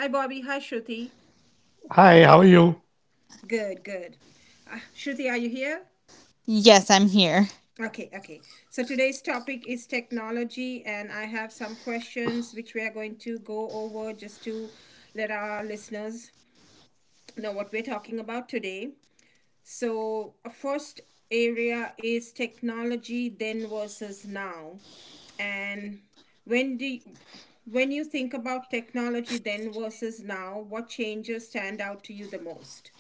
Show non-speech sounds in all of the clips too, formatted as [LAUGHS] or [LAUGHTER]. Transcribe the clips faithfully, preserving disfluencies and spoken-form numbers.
Hi Bobby, hi Shruti. Hi, how are you? Good, good. Uh, Shruti, are you here? Yes, I'm here. Okay, okay. So today's topic is technology, and I have some questions which we are going to go over just to let our listeners know what we're talking about today. So, a first area is technology then versus now. And when do you- when you think about technology then versus now, what changes stand out to you the most?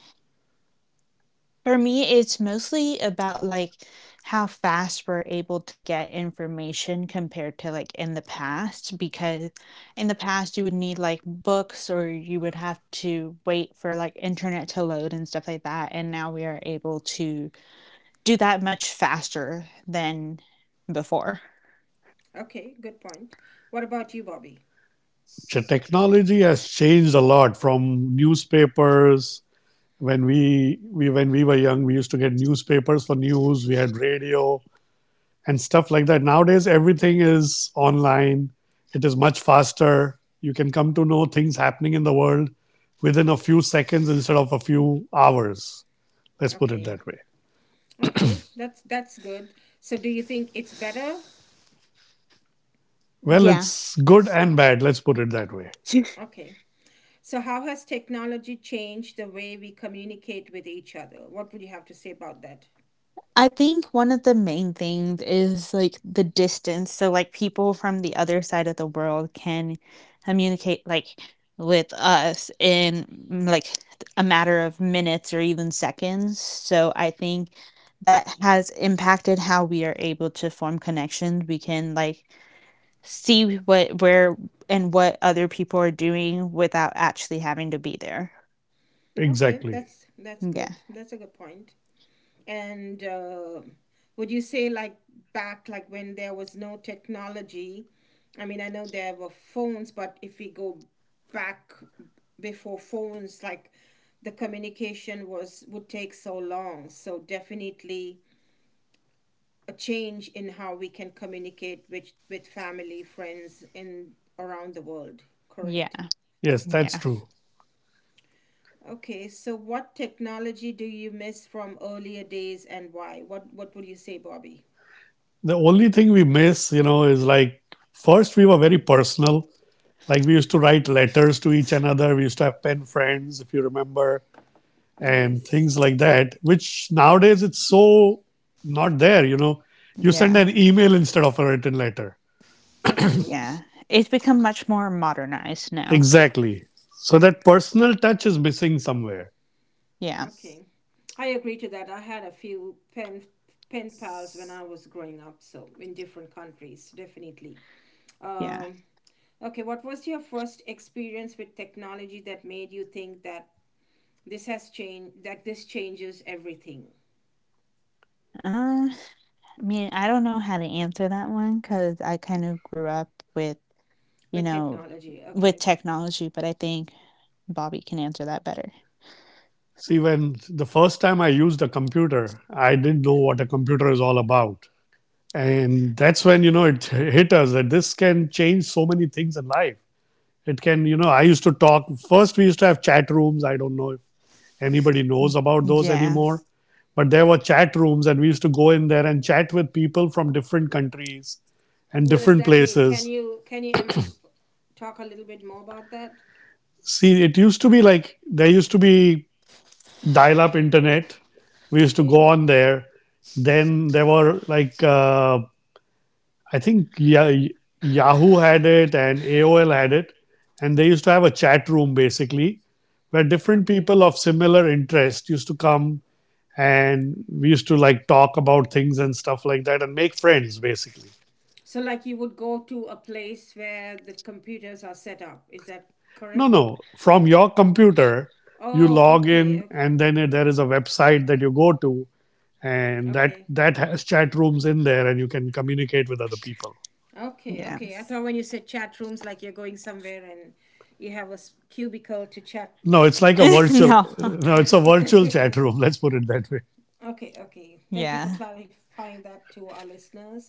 For me, it's mostly about like how fast we're able to get information compared to like in the past, because in the past you would need like books or you would have to wait for like internet to load and stuff like that. And now we are able to do that much faster than before. Okay, good point. What about you, Bobby? The technology has changed a lot from newspapers. When we, we when we were young, we used to get newspapers for news. We had radio and stuff like that. Nowadays, everything is online. It is much faster. You can come to know things happening in the world within a few seconds instead of a few hours. Let's put it Okay. Yeah. that way. Okay, that's that's good. So do you think it's better? Well, Yeah. it's good and bad. Let's put it that way. [LAUGHS] Okay. So how has technology changed the way we communicate with each other? What would you have to say about that? I think one of the main things is, like, the distance, so, like, people from the other side of the world can communicate, like, with us in, mm, like, a matter of minutes or even seconds, so I think that has impacted how we are able to form connections. We can, like, see what where and what other people are doing without actually having to be there. Okay, Exactly. that's that's Yeah. good. That's a good point. And uh, would you say like back like when there was no technology? I mean, I know there were phones, but if we go back before phones, like the communication was would take so long. So definitely a change in how we can communicate with with family, friends, and around the world. Correct. Yeah. Yes, Yeah. that's true. Okay, so what technology do you miss from earlier days and why? What what would you say, Bobby? The only thing we miss, you know, is like first we were very personal. Like we used to write letters to each another. We used to have pen friends, if you remember, and Yes. things like that, which nowadays it's so not there, you know. You send Yeah. an email instead of a written letter. That's true. Yeah, it's become much more modernized now. Exactly. So that personal touch is missing somewhere. Yeah. Okay. I agree to that. I had a few pen pen pals when I was growing up, so in different countries, definitely. Yeah. Um, okay, what was your first experience with technology that made you think that this has changed, that this changes everything Uh, I mean, I don't know how to answer that one because I kind of grew up with, you with know, technology? with Okay, technology, but I think Bobby can answer that better. See, when the first time I used a computer, I didn't know what a computer is all about. And that's when, you know, it [LAUGHS] hit us that this can change so many things in life. It can, you know, I used to talk. First, we used to have chat rooms. I don't know if anybody knows about those Yeah, anymore, but there were chat rooms, and we used to go in there and chat with people from different countries and what does different that mean? Can places. you can you inf- talk a little bit more about that? See, it used to be like there used to be dial up internet. We used to go Okay, on there. Then there were like, uh, I think, yeah, Yahoo had it and A O L had it, and they used to have a chat room basically where different okay. people of similar interest used to come, and we used to like talk about things and stuff like that and make friends basically. So, like, you would go to a place where the computers are set up. Is that No, correct? no, from your computer you Oh, log okay, in, okay, and then there is a website that you go to, and that okay, that has chat rooms in there, and you can communicate with other people. okay, yeah. okay. I thought when you said chat rooms, like you're going somewhere and you have a s- cubicle to chat. No, it's like a Oh, [LAUGHS] virtual No. no, it's a okay. virtual chat room, [LAUGHS] [LAUGHS] let's put it that way. Okay, okay. Thank you for Yeah. clarifying that to our listeners.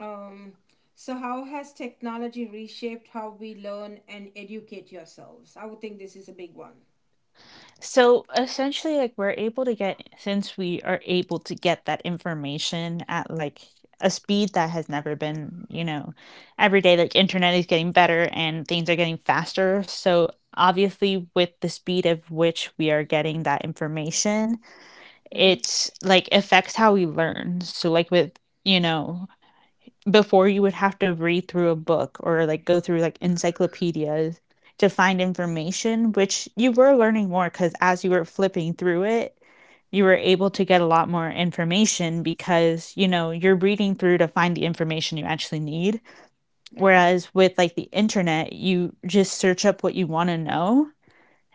Um, so, how has technology reshaped how we learn and educate yourselves? I would think this is a big one. So essentially, like we're able to get, since we are able to get that information at like a speed that has never been, you know, every day, like internet is getting better and things are getting faster. So obviously, with the speed of which we are getting that information, Mm-hmm. it's like affects how we learn. So, like, with, you know, before you would have to read through a book or, like, go through, like, encyclopedias to find information, which you were learning more because as you were flipping through it, you were able to get a lot more information because, you know, you're reading through to find the information you actually need. Okay, Whereas with, like, the internet, you just search up what you wanna know,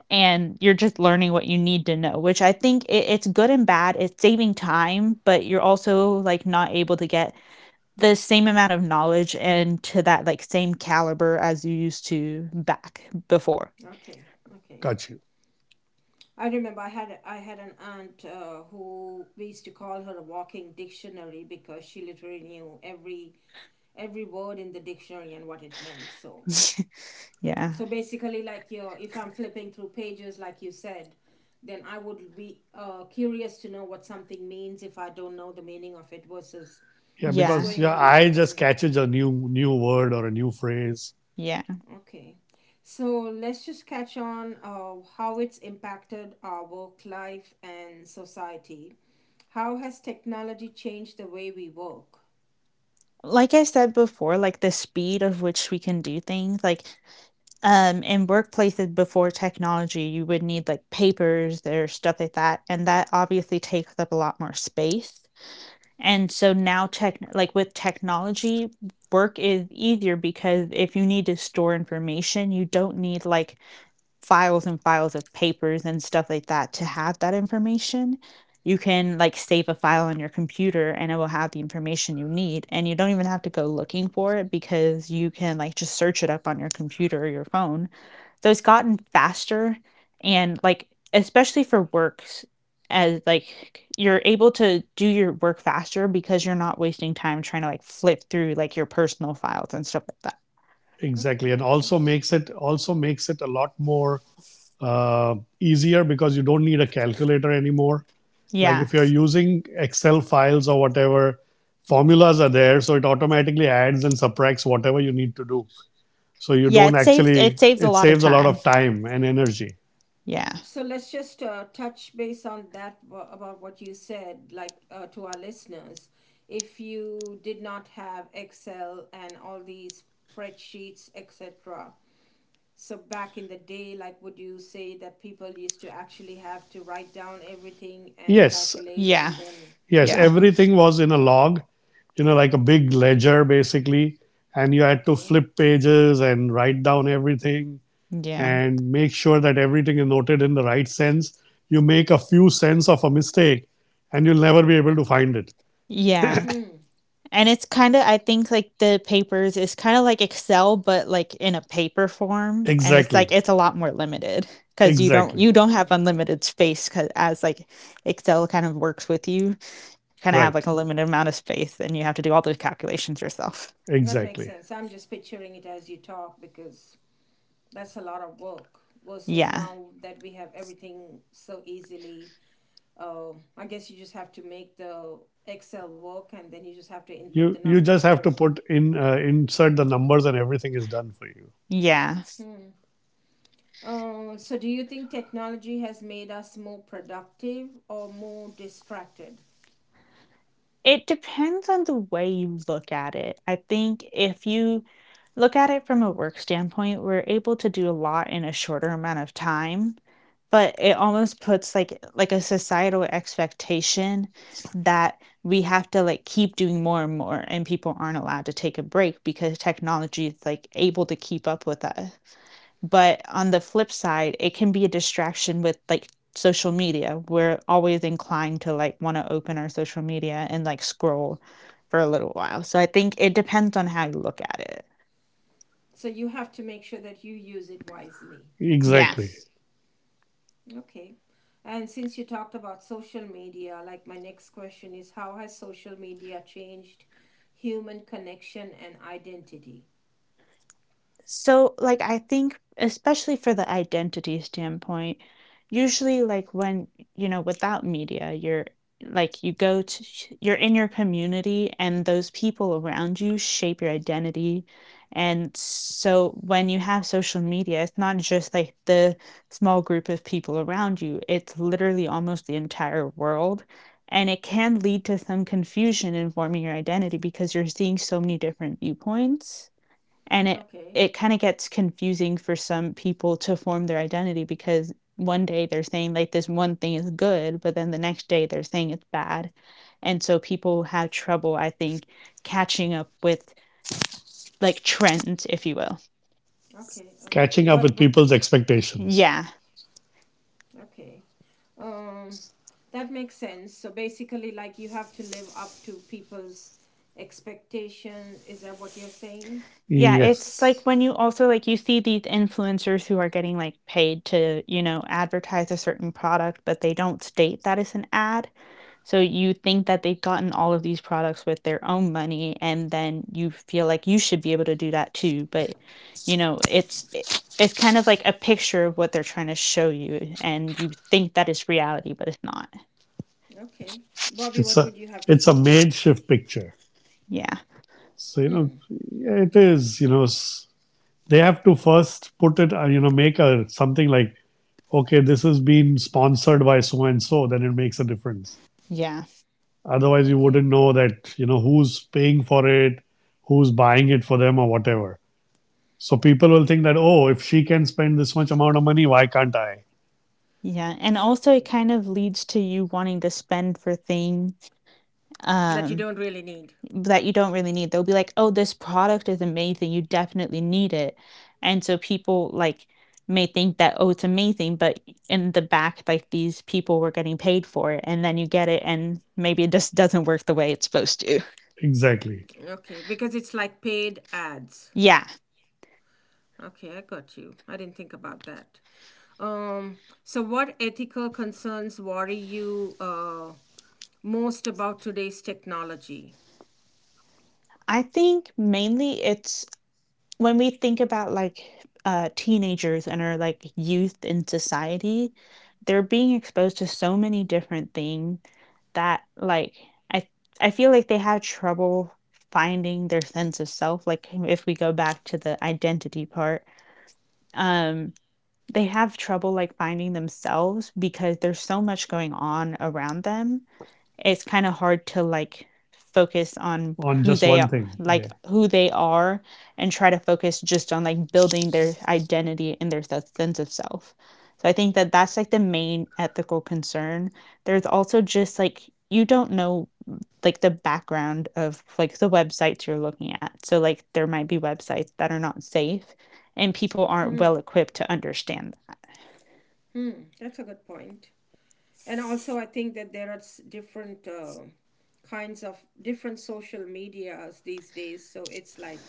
and you're just learning what you need to know, which I think it it's good and bad, it's saving time, but you're also, like, not able to get the same amount of knowledge and to that like same caliber as you used to back before. okay, okay. Gotcha. I remember I had I had an aunt uh, who we used to call her a walking dictionary because she literally knew every every word in the dictionary and what it meant. So [LAUGHS] Yeah. so basically, like you, if I'm flipping through pages, like you said, then I would be uh, curious to know what something means if I don't know the meaning of it versus Yeah, just Yeah. because going yeah, I online just and. catches a new new word or a new phrase. Yeah. Okay. So let's just catch on uh, how it's impacted our work life and society. How has technology changed the way we work? Like I said before, like the speed of which we can do things, like um in workplaces before technology, you would need like papers or stuff like that, and that obviously takes up a lot more space. And so now tech like with technology, work is easier because if you need to store information, you don't need like files and files of papers and stuff like that to have that information. You can like save a file on your computer and it will have the information you need. And you don't even have to go looking for it because you can like just search it up on your computer or your phone. So it's gotten faster and like, especially for works, as like you're able to do your work faster because you're not wasting time trying to like flip through like your personal files and stuff like that. Okay, Exactly, and that makes also makes sense. it also makes it a lot more, uh, easier, because you don't need a calculator anymore. Like Yeah. if you're using Excel files or whatever, formulas are there, so it automatically adds and subtracts whatever you need to do. So you Yeah. don't, It saves, it actually saves a it lot of saves a lot time. of time and energy. Yeah. So let's just uh, touch base on that wha- about what you said, like uh, to our listeners. If you did not have Excel and all these spreadsheets, et cetera, so back in the day, like would you say that people used to actually have to write down everything and Yes, calculate Yeah. and then. yes, Yeah. everything was in a log you know, like a big ledger basically. And you had to Okay. flip pages and write down everything Yeah. and make sure that everything is noted in the right sense. You make a few cents of a mistake and you'll never be able to find it. Yeah. Hmm. And it's kinda I think, like, the papers is kinda like Excel, but, like, in a paper form, and it's, like, Exactly. it's a lot more limited because you don't Exactly. you don't have Hmm. unlimited space because as, like, Excel kind of works with you, kinda have, like, a Right. limited amount of space, and you have to do all those calculations yourself. That makes Exactly. sense. I'm just picturing it as you talk because that's a lot of work versus Yeah. now that we have everything so easily. Uh, I guess you just have to make the Excel work and then you just have to input the You you just numbers, have to correct? put in uh, insert the numbers, and everything is done for you. Yeah. Hmm. Uh, so do you think technology has made us more productive or more distracted? It depends on the way you look at it. I think if you look at it from a work standpoint, we're able to do a lot in a shorter amount of time, but it almost puts like like a societal expectation that we have to like keep doing more and more and people aren't allowed to take a break because technology is like able to keep up with us. But on the flip side, it can be a distraction with like social media. We're always inclined to like want to open our social media and like scroll for a little while. So I think it depends on how you look at it. So you have to make sure that you use it wisely. Yeah. Exactly. Okay. And since you talked about social media, like my next question is how has social media changed human connection and identity? So, like, I think, especially for the identity standpoint, usually, like, when, you know, without media, you're like, you go to, sh- you're in your community and those people around you shape your identity. And so, when you have social media, it's not just like the small group of people around you, it's literally almost the entire world. And it can lead to some confusion in forming your identity because you're seeing so many different viewpoints. And it Okay. it kinda gets confusing for some people to form their identity because one day they're saying, like, this one thing is good, but then the next day they're saying it's bad. And so people have trouble, I think, catching up with, like, trends, if you will. Okay. Okay. Catching up What. with people's expectations. Yeah. Okay. Um that makes sense. So basically like you have to live up to people's expectations. Is that what you're saying? Yeah, it's like Yes. when you also like, you see these influencers who are getting, like, paid to, you know, advertise a certain product, but they don't state that it's an ad. So you think that they've gotten all of these products with their own money, and then you feel like you should be able to do that too. But, you know, it's it's kind of like a picture of what they're trying to show you, and you think that it's reality, but it's not. Okay. Bobby, It's what a would you have to it's a say? makeshift picture. Yeah. So you know, Hmm. it is you know they have to first put it, uh, you know make a something like, okay, this has been sponsored by so and so, then it makes a difference. Yeah. Otherwise you Okay. wouldn't know that you know who's paying for it, who's buying it for them or whatever. So people will think that, oh, if she can spend this much amount of money, why can't I? Yeah. And also it kind of leads to you wanting to spend for things. That you Um don't really need. that you don't really need. They'll be like, "Oh, this product is amazing. You definitely need it." And so people like may think that, "Oh, it's amazing," but in the back, like these people were getting paid for it, and then you get it, and maybe it just doesn't work the way it's supposed to. Exactly, Okay, because it's like paid ads. Yeah, Okay, I got you. I didn't think about that. Um, so, what ethical concerns worry you uh, most about today's technology? I think mainly it's when we think about like uh, teenagers and our like youth in society, they're being exposed to so many different things that like I I feel like they have trouble finding their sense of self. Like if we go back to the identity part, um, they have trouble like finding themselves because there's so much going on around them it's kind of hard to like focus on on who just they one are thing. like Yeah, who they are and try to focus just on like building their identity and their sense of self. So I think that that's like the main ethical concern. There's also just like you don't know like the background of like the websites you're looking at, so like there might be websites that are not safe and people aren't well equipped to understand that. Hmm, that's a good point. And also, I think that there are s- different uh, kinds of different social medias these days. So it's like,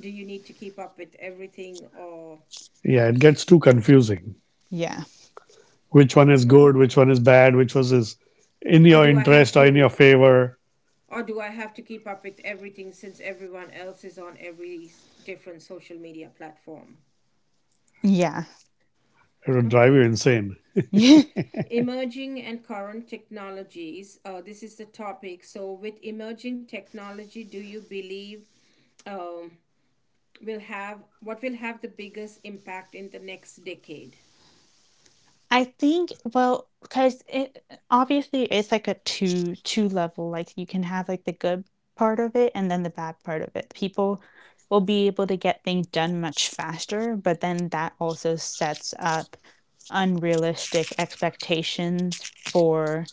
do you need to keep up with everything, or yeah, it gets too confusing. Yeah. Which one is good? Which one is bad? Which was is in or your do I have interest or in your to favor? Or do I have to keep up with everything since everyone else is on every different social media platform? It would drive you Okay. insane. Yeah. [LAUGHS] Emerging and current technologies. Uh, this is the topic. So, with emerging technology, do you believe um, will have what will have the biggest impact in the next decade? I think well, because it obviously, it's like a two two level, like, you can have, like, the good part of it and then the bad part of it. People will be able to get things done much faster, but then that also sets up unrealistic expectations for,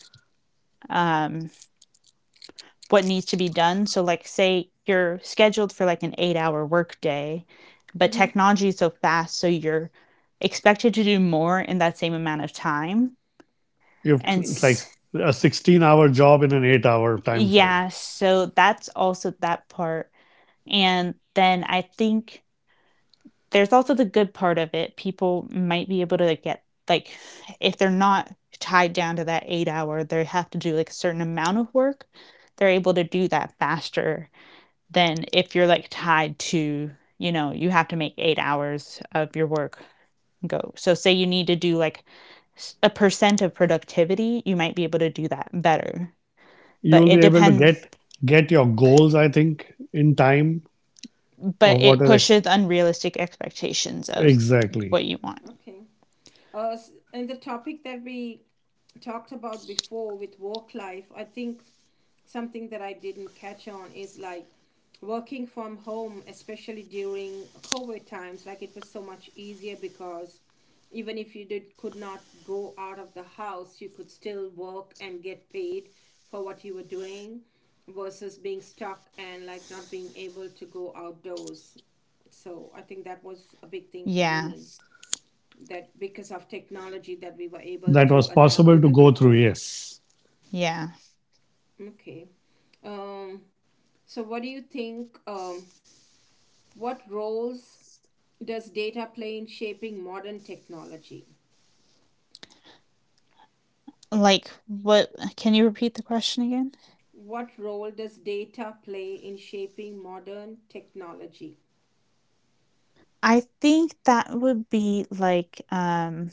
um, what needs to be done. So, like, say you're scheduled for, like, an eight-hour workday, but Mm-hmm. technology is so fast, so you're expected to do more in that same amount of time. You have And to, it's Okay. s like a sixteen hour job in an eight hour time frame. Yeah, so that's also that part, and then I think there's also the good part of it, people might be able to, like, get like, if they're not tied down to that eight hour, they have to do, like, a certain amount of work, they're able to do that faster than if you're, like, tied to, you know, you have to make eight hours of your work go. So say you need to do, like, s a percent of productivity, you might be able to do that better, You but will be it able to Okay. depends get get your goals, I think, in time of but what it is, pushes unrealistic expectations of exactly, what you want. Okay. Uh, and the topic that we talked about before with work life, I think something that I didn't catch on is like working from home, especially during COVID times, like it was so much easier because even if you did could not go out of the house, you could still work and get paid for what you were doing versus being stuck and like not being able to go outdoors. So I think that was a big thing for me Yeah. that because of technology that we were able that to was adapt possible to to the go through. different. Yes, Yeah. Okay. um, so what do you think, um, what roles does data play in shaping modern technology? Like what can you repeat the question again? What role does data play in shaping modern technology? I think that would be like um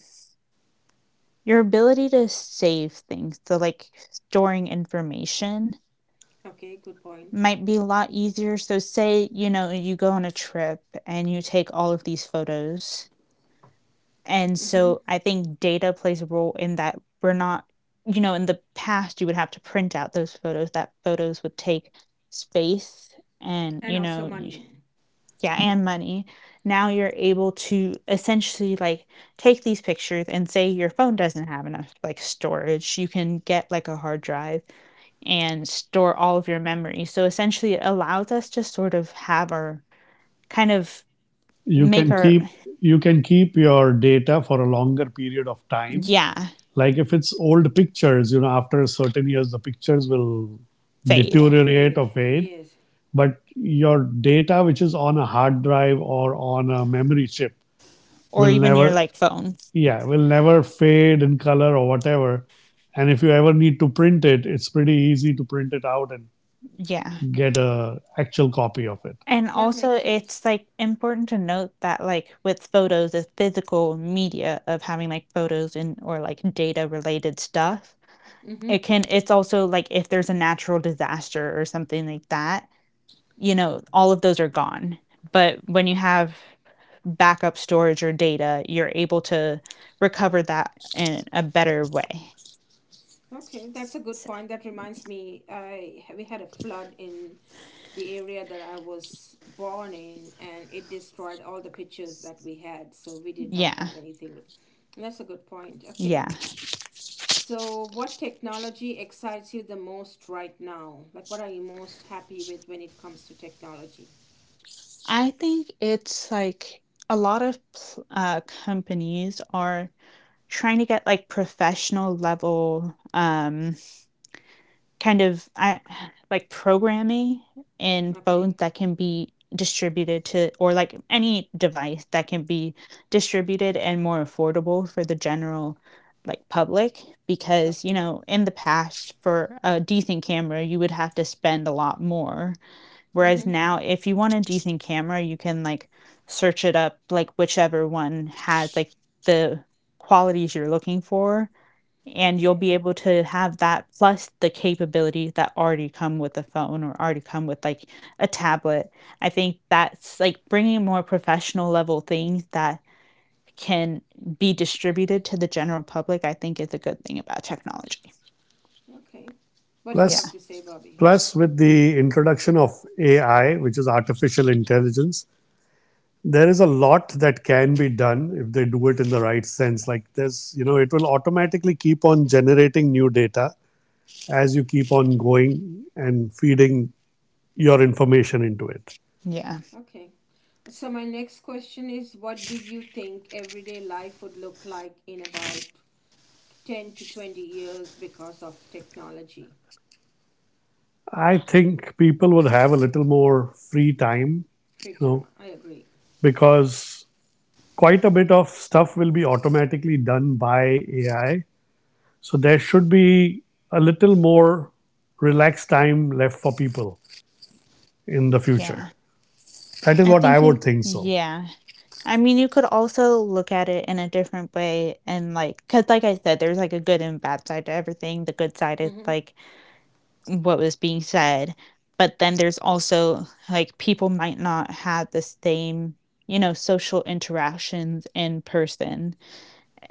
your ability to save things. So like storing information Okay, good point. might be a lot easier. So say, you know, you go on a trip and you take all of these photos and Mm-hmm. so I think data plays a role in that we're not you know, in the past, you would have to print out those photos. That photos would take space and, And you also know, y money. yeah, and money. Now you're able to essentially, like, take these pictures and say your phone doesn't have enough, like, storage, you can get, like, a hard drive and store all of your memories. So essentially, it allows us to sort of have our kind of you make can our keep Memories. you can keep your data for a longer period of time. yeah, Like if it's old pictures, you know, after certain years, the pictures will fade. Yeah, deteriorate fade. or fade. Yes, But your data, which is on a hard drive or on a memory chip, Or will even your never like phone. yeah will never fade in color or whatever, and if you ever need to print it it's pretty easy to print it out and Yeah. get a actual copy of it. And that also makes sense. it's like important to note that like with photos, the physical media of having like photos and or like data related stuff, Mm-hmm. it can it's also like if there's a natural disaster or something like that, you know, all of those are gone. But when you have backup storage or data, you're able to recover that in a better way. Okay, that's a good So, point. That reminds me, I we had a flood in the area that I was born in, and it destroyed all the pictures that we had. So we did not yeah. have anything. That's a good point. Okay. Yeah. So, what technology excites you the most right now? Like, what are you most happy with when it comes to technology? I think it's like a lot of pl- uh, companies are trying to get like professional level um, kind of I, [SIGHS] like programming in phones Okay. that can be distributed to or like any device that can be distributed and more affordable for the general like public, because you Okay. know in the past for a decent camera you would have to spend a lot more. Whereas Mm-hmm. now, if you want a decent camera, you can like search it up, like whichever one had like the qualities you're looking for, and you'll Okay. be able to have that plus the capability that already come with the phone or already come with like a tablet. I think that's like bringing more professional level things that can be distributed to the general public. I think is a good thing about technology. Okay. What do you Yeah. have plus to say, Bobby? plus with the introduction of AI, which is artificial intelligence, there is a lot that can be done if they do it in the right sense. Like there's you know it will automatically keep on generating new data as you keep on going and feeding your information into it. Yeah. Okay. So my next question is what do you think everyday life would look like in about ten to twenty years because of technology? I think people would have a little more free time, Free you time. know, I agree. because quite a bit of stuff will be automatically done by A I. So there should be a little more relaxed time left for people in the Yeah. future. That is I what I think you, would think so. yeah. I mean, you could also look at it in a different way, and like, because, like I said, there's like a good and bad side to everything. The good side is Mm-hmm. like what was being said, but then there's also like people might not have the same, you know, social interactions in person,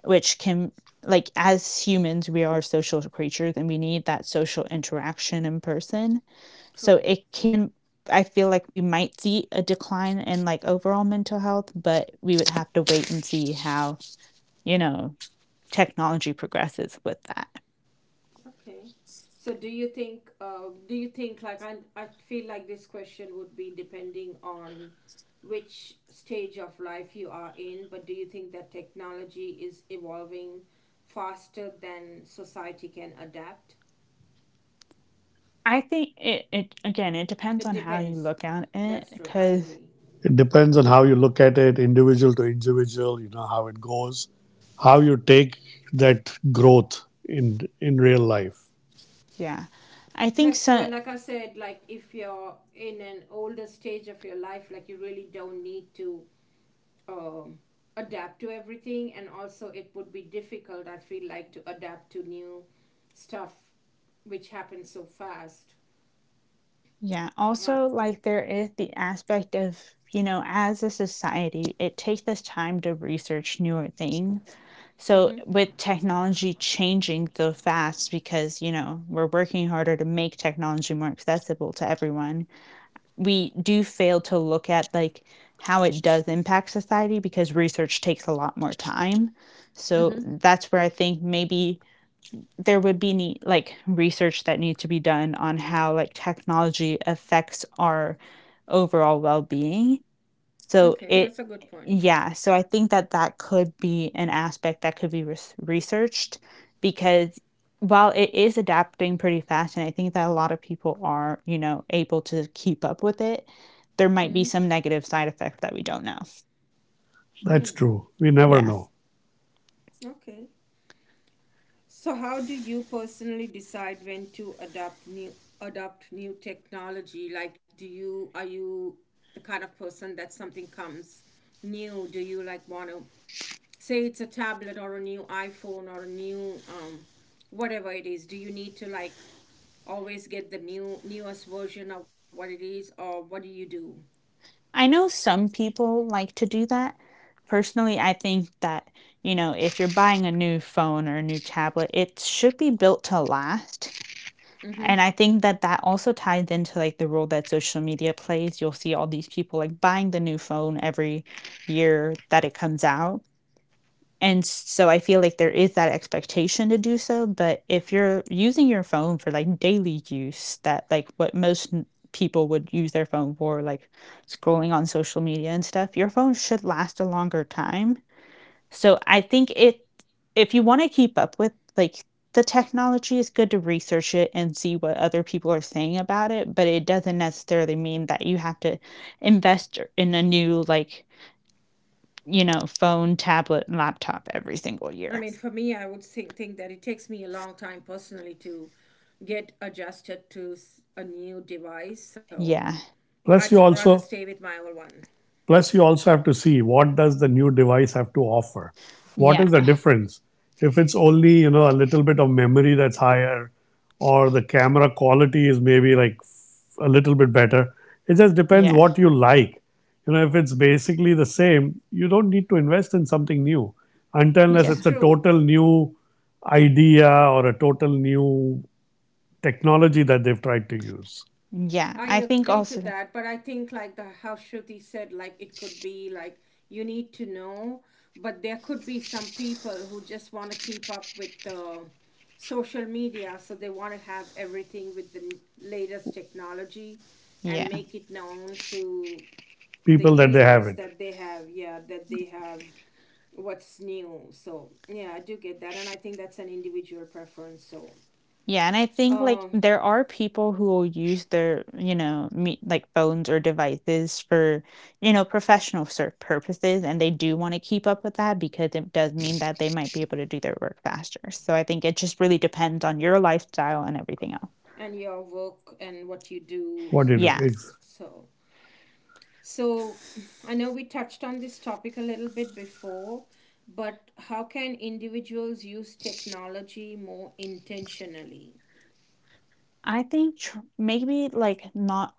which can like as humans, we are social creatures and we need that social interaction in person. So True. it can I feel like we might see a decline in, like, overall mental health, but we would have to wait and see how, you know, technology progresses with that. Okay. So do you think uh, do you think like I I feel like this question would be depending on which stage of life you are in, but do you think that technology is evolving faster than society can adapt? I think it it again, it depends It on how you depends. look at it, That's true. I because agree. It depends on how you look at it, individual to individual, you know, how it goes, how you take that growth in in real life. yeah. I think That's true. so. And like I said, like if you're in an older stage of your life, like you really don't need to um, adapt to everything. And also, it would be difficult, I feel like, to adapt to new stuff which happens so fast. Yeah, Uh, also, like, there is the aspect of, you know, as a society, it takes us time to research newer things. So, mm-hmm. with technology changing so fast because, you know, we're working harder to make technology more accessible to everyone, we do fail to look at like how it does impact society because research takes a lot more time. So, Mm-hmm. that's where I think maybe there would be need, like research that needs to be done on how like technology affects our overall well-being so Okay, it that's a good point. yeah, so I think that that could be an aspect that could be res researched, because while it is adapting pretty fast, and I think that a lot of people are, you know, able to keep up with it, there Mm-hmm. might be some negative side effects that we don't know. Mm. That's true. We never Yeah. know. Okay. So, how do you personally decide when to adopt new adopt new technology? Like, do you are you the kind of person that something comes new? Do you like want to say it's a tablet or a new iPhone or a new um, whatever it is? Do you need to like always get the new newest version of what it is, or what do you do? I know some people like to do that. Personally, I think that, you know, if you're buying a new phone or a new tablet, it should be built to last. Mm-hmm. And I think that that also ties into like the role that social media plays. You'll see all these people like buying the new phone every year that it comes out. And so I feel like there is that expectation to do so. But if you're using your phone for like daily use, that like what most n- people would use their phone for, like scrolling on social media and stuff, your phone should last a longer time. So I think it if you wanna keep up with, like, the technology, it's good to research it and see what other people are saying about it, but it doesn't necessarily mean that you have to invest er, in a new, like, you know, phone, tablet, and laptop every single I year. mean, for me, I would think, think that it takes me a long time personally to get adjusted to s- a new device. So Yeah. Plus I'd you rather also stay with my old one, Plus, you also have to see what does the new device have to offer. What is the Yeah. difference? If it's only you know a little bit of memory that's higher, or the camera quality is maybe like a little bit better. It just depends Yeah. what you like. You know, if it's basically the same, you don't need to invest in something new until unless which is Yeah. it's a true. total new idea or a total new technology that they've tried to use. Yeah. I I think agree to also that, but I think like the how Shruti said, like it could be like you need to know, but there could be some people who just want to keep up with the social media, so they want to have everything with the n- latest technology and yeah. make it known to the People that they universe haven't. that they have, yeah, that they have what's new. So yeah, I do get that, and I think that's an individual preference. So. Yeah, and I think, like, Uh, there are people who will use their, you know, me like, phones or devices for, you know, professional sort purposes, and they do wanna keep up with that because it does mean that they might be able to do their work faster. So I think it just really depends on your lifestyle and everything else. and your work and what you do. What do you do? Yes. Ex- So, so I know we touched on this topic a little bit before, but how can individuals use technology more intentionally? I think tr maybe, like, not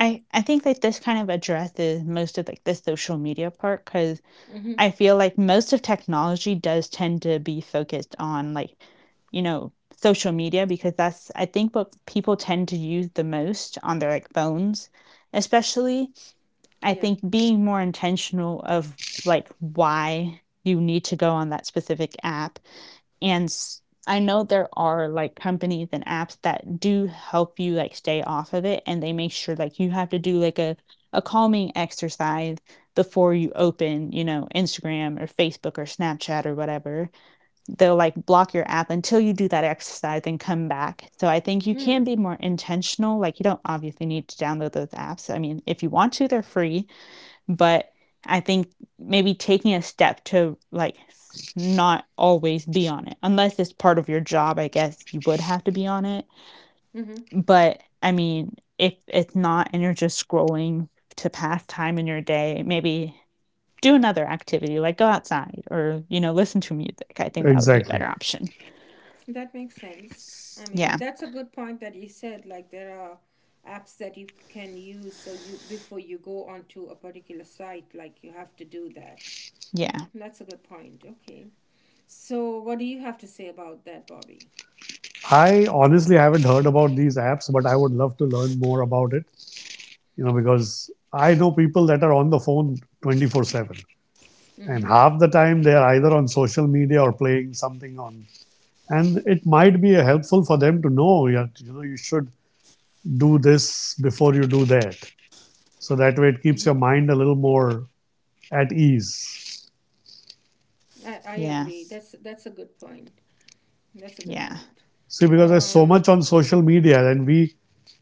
I I think that this kind of addresses most of, like, the social media part, because. Mm-hmm. I feel like most of technology does tend to be focused on, like, you know, social media because that's, I think, what people tend to use the most on their, like, phones, especially. I Yeah. think being more intentional of, like, why you need to go on that specific app and s I know there are, like, companies and apps that do help you, like, stay off of it, and they make sure, like, you have to do, like, a a calming exercise before you open, you know, Instagram or Facebook or Snapchat or whatever. They'll, like, block your app until you do that exercise and come back. So I think you can Mm. be more intentional, like, you don't obviously need to download those apps. I mean, if you want to, they're free, but I think maybe taking a step to like not always be on it, unless it's part of your job, I guess you would have to be on it. Mm-hmm. But I mean, if it's not and you're just scrolling to pass time in your day, maybe do another activity like go outside or, you know, listen to music. I think that would be a exactly. better option. That makes sense. I Yeah. mean, that's a good point that you said. Like there are apps that you can use, so you before you go onto a particular site, like you have to do that. Yeah. That's a good point. Okay. So, what do you have to say about that, Bobby? I honestly haven't heard about these apps, but I would love to learn more about it, you know, because I know people that are on the phone twenty four seven. Mm-hmm. And half the time they are either on social media or playing something on. And it might be helpful for them to know, yeah, you know, you should do this before you do that. So that way it Mm-hmm. keeps your mind a little more at ease. I, I Yeah. agree. That's that's a good point. That's a good Yeah. point. See, because there's so Um, much on social media, and we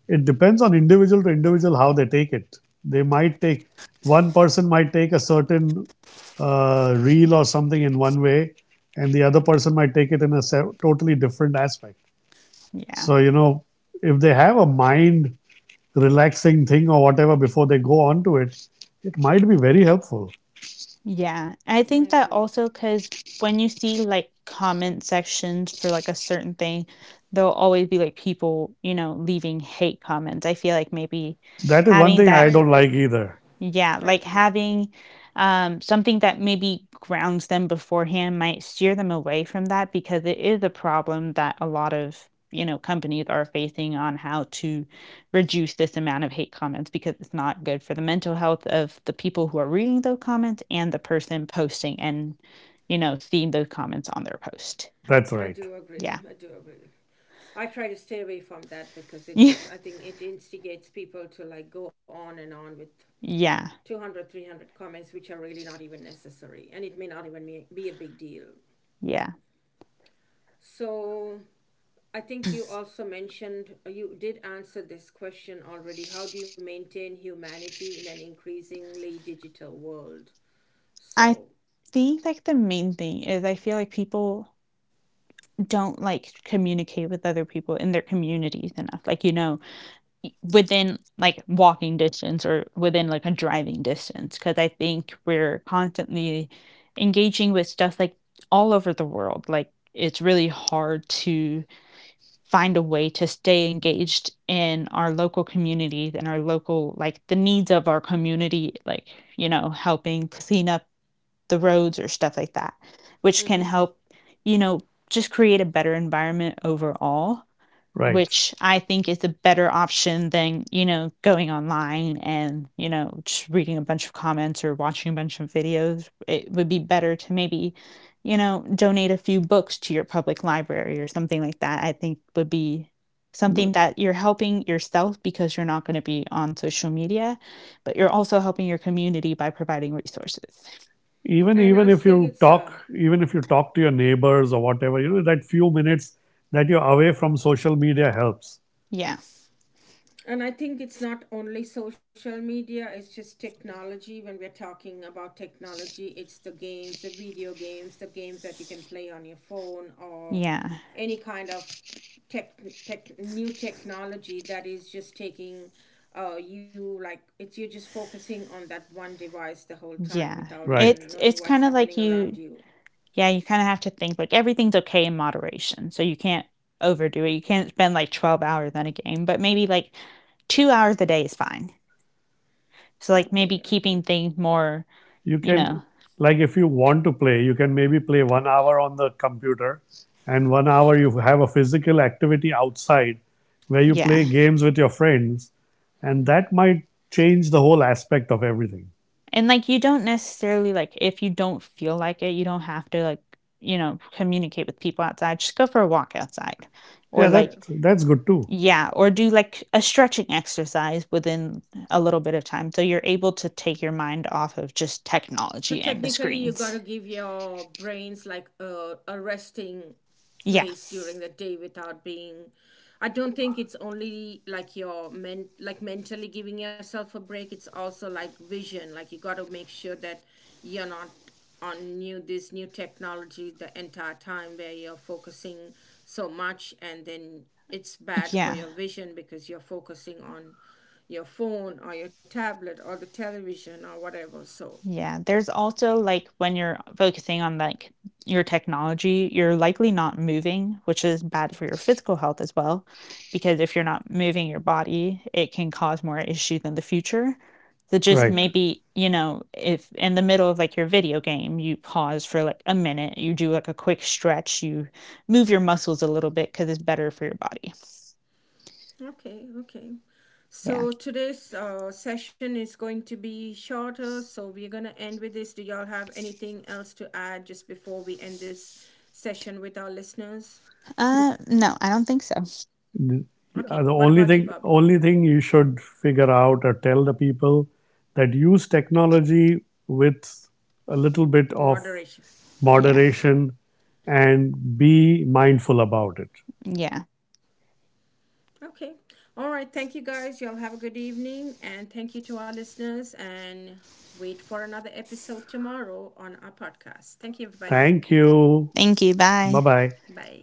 it depends on individual to individual how they take it. They might take one person might take a certain, uh, reel or something in one way, and the other person might take it in a totally different aspect. Yeah. So you know, if they have a mind relaxing thing or whatever before they go on to it, it might be very helpful. Yeah, I I think that agree. also because when you see, like, comment sections for, like, a certain thing, there'll always be, like, people, you know, leaving hate comments. I feel like maybe That is one having thing I I that don't agree. like either. I yeah, like agree. having um, something that maybe grounds them beforehand might steer them away from that because it is a problem that a lot of, you know, companies are facing on how to reduce this amount of hate comments because it's not good for the mental health of the people who are reading those comments and the person posting and, you know, seeing those comments on their post. That's I right. do agree. Yeah. [LAUGHS] I do agree. I try to stay away from that because it Yeah. just I think it instigates people to like go on and on with Yeah. two hundred, three hundred comments which are really not even necessary and it may not even be be a big deal. Yeah. So I think you also mentioned, uh, you did answer this question already. How do you maintain humanity in an increasingly digital world? I So. think like the main thing is I feel like people don't like communicate with other people in their communities enough, like you know, within like walking distance or within like a driving distance, because I think we're constantly engaging with stuff like all over the world. Like it's really hard to find a way to stay engaged in our local communities and our local like the needs of our community, like you know, helping clean up the roads or stuff like that, which can Mm-hmm. help, you know, just create a better environment overall, Right. which I think is a better option than, you know, going online and, you know, just reading a bunch of comments or watching a bunch of videos. It would be better to maybe, you know, donate a few books to your public library or something like that. I think would be something that you're helping yourself because you're not going to be on social media, but you're also helping your community by providing resources. even and I even if think you it's talk uh, even if you talk to your neighbors or whatever you know that few minutes that you're away from social media helps. Yeah. And I think it's not only social media, it's just technology. When we're talking about technology, it's the games, the video games, the games that you can play on your phone, or Yeah, any kind of tech, tech new technology that is just taking uh, you like it's you're just focusing on that one device the whole time yeah. without It Right. even knowing it's what's kinda like happening around you you. yeah, you kinda have to think, like, everything's okay in moderation, so you can't overdo it. You can't spend, like, twelve hours on a game, but maybe, like, two hours a day is fine. So, like, Okay, maybe okay. keeping things more, you you know can like If you want to play, you can maybe play one hour on the computer, and one hour you have a physical activity outside where you play yeah. games with your friends, and that might change the whole aspect of everything. And, like, you don't necessarily, like if you don't feel like it, you don't have to, like, you know, communicate with people outside. Just go for a walk outside or, Yeah, That's that like, true. that's good too. yeah, or do like a stretching exercise within a little bit of time so you're able to take your mind off of just So technology and the technically, you got to screens. give your brains like a, a resting Yeah. place during the day without being. I don't think it's only like your men like mentally giving yourself a break. It's also like vision. Like you got to make sure that you're not on new this new technology the entire time where you're focusing so much and then it's bad for Yeah. your vision because you're focusing on your phone or your tablet or the television or whatever. So. Yeah, there's also like when you're focusing on like your technology, you're likely not moving, which is bad for your physical health as well, because if you're not moving your body, it can cause more issues in the future. So Mm-hmm. just Right. maybe, you know, if in the middle of like your video game, you pause for like a minute, you do like a quick stretch, you move your muscles a little bit because it's better for your body. Okay, okay. Yeah. So today's uh, session is going to be shorter, so we're going to end with this. Do y'all have anything else to add just before we end this session with our listeners? Uh, no, I don't think so. Okay, Uh, the what only about you, thing Bobby? only thing you should figure out, or tell the people that use technology, with a little bit of Moderation. Yeah. moderation, and be mindful about it. Yeah. Okay. All right. Thank you, guys. Y'all have a good evening. And thank you to our listeners. And wait for another episode tomorrow on our podcast. Thank you, everybody. Thank you. Thank you. Bye Bye. bye. Bye.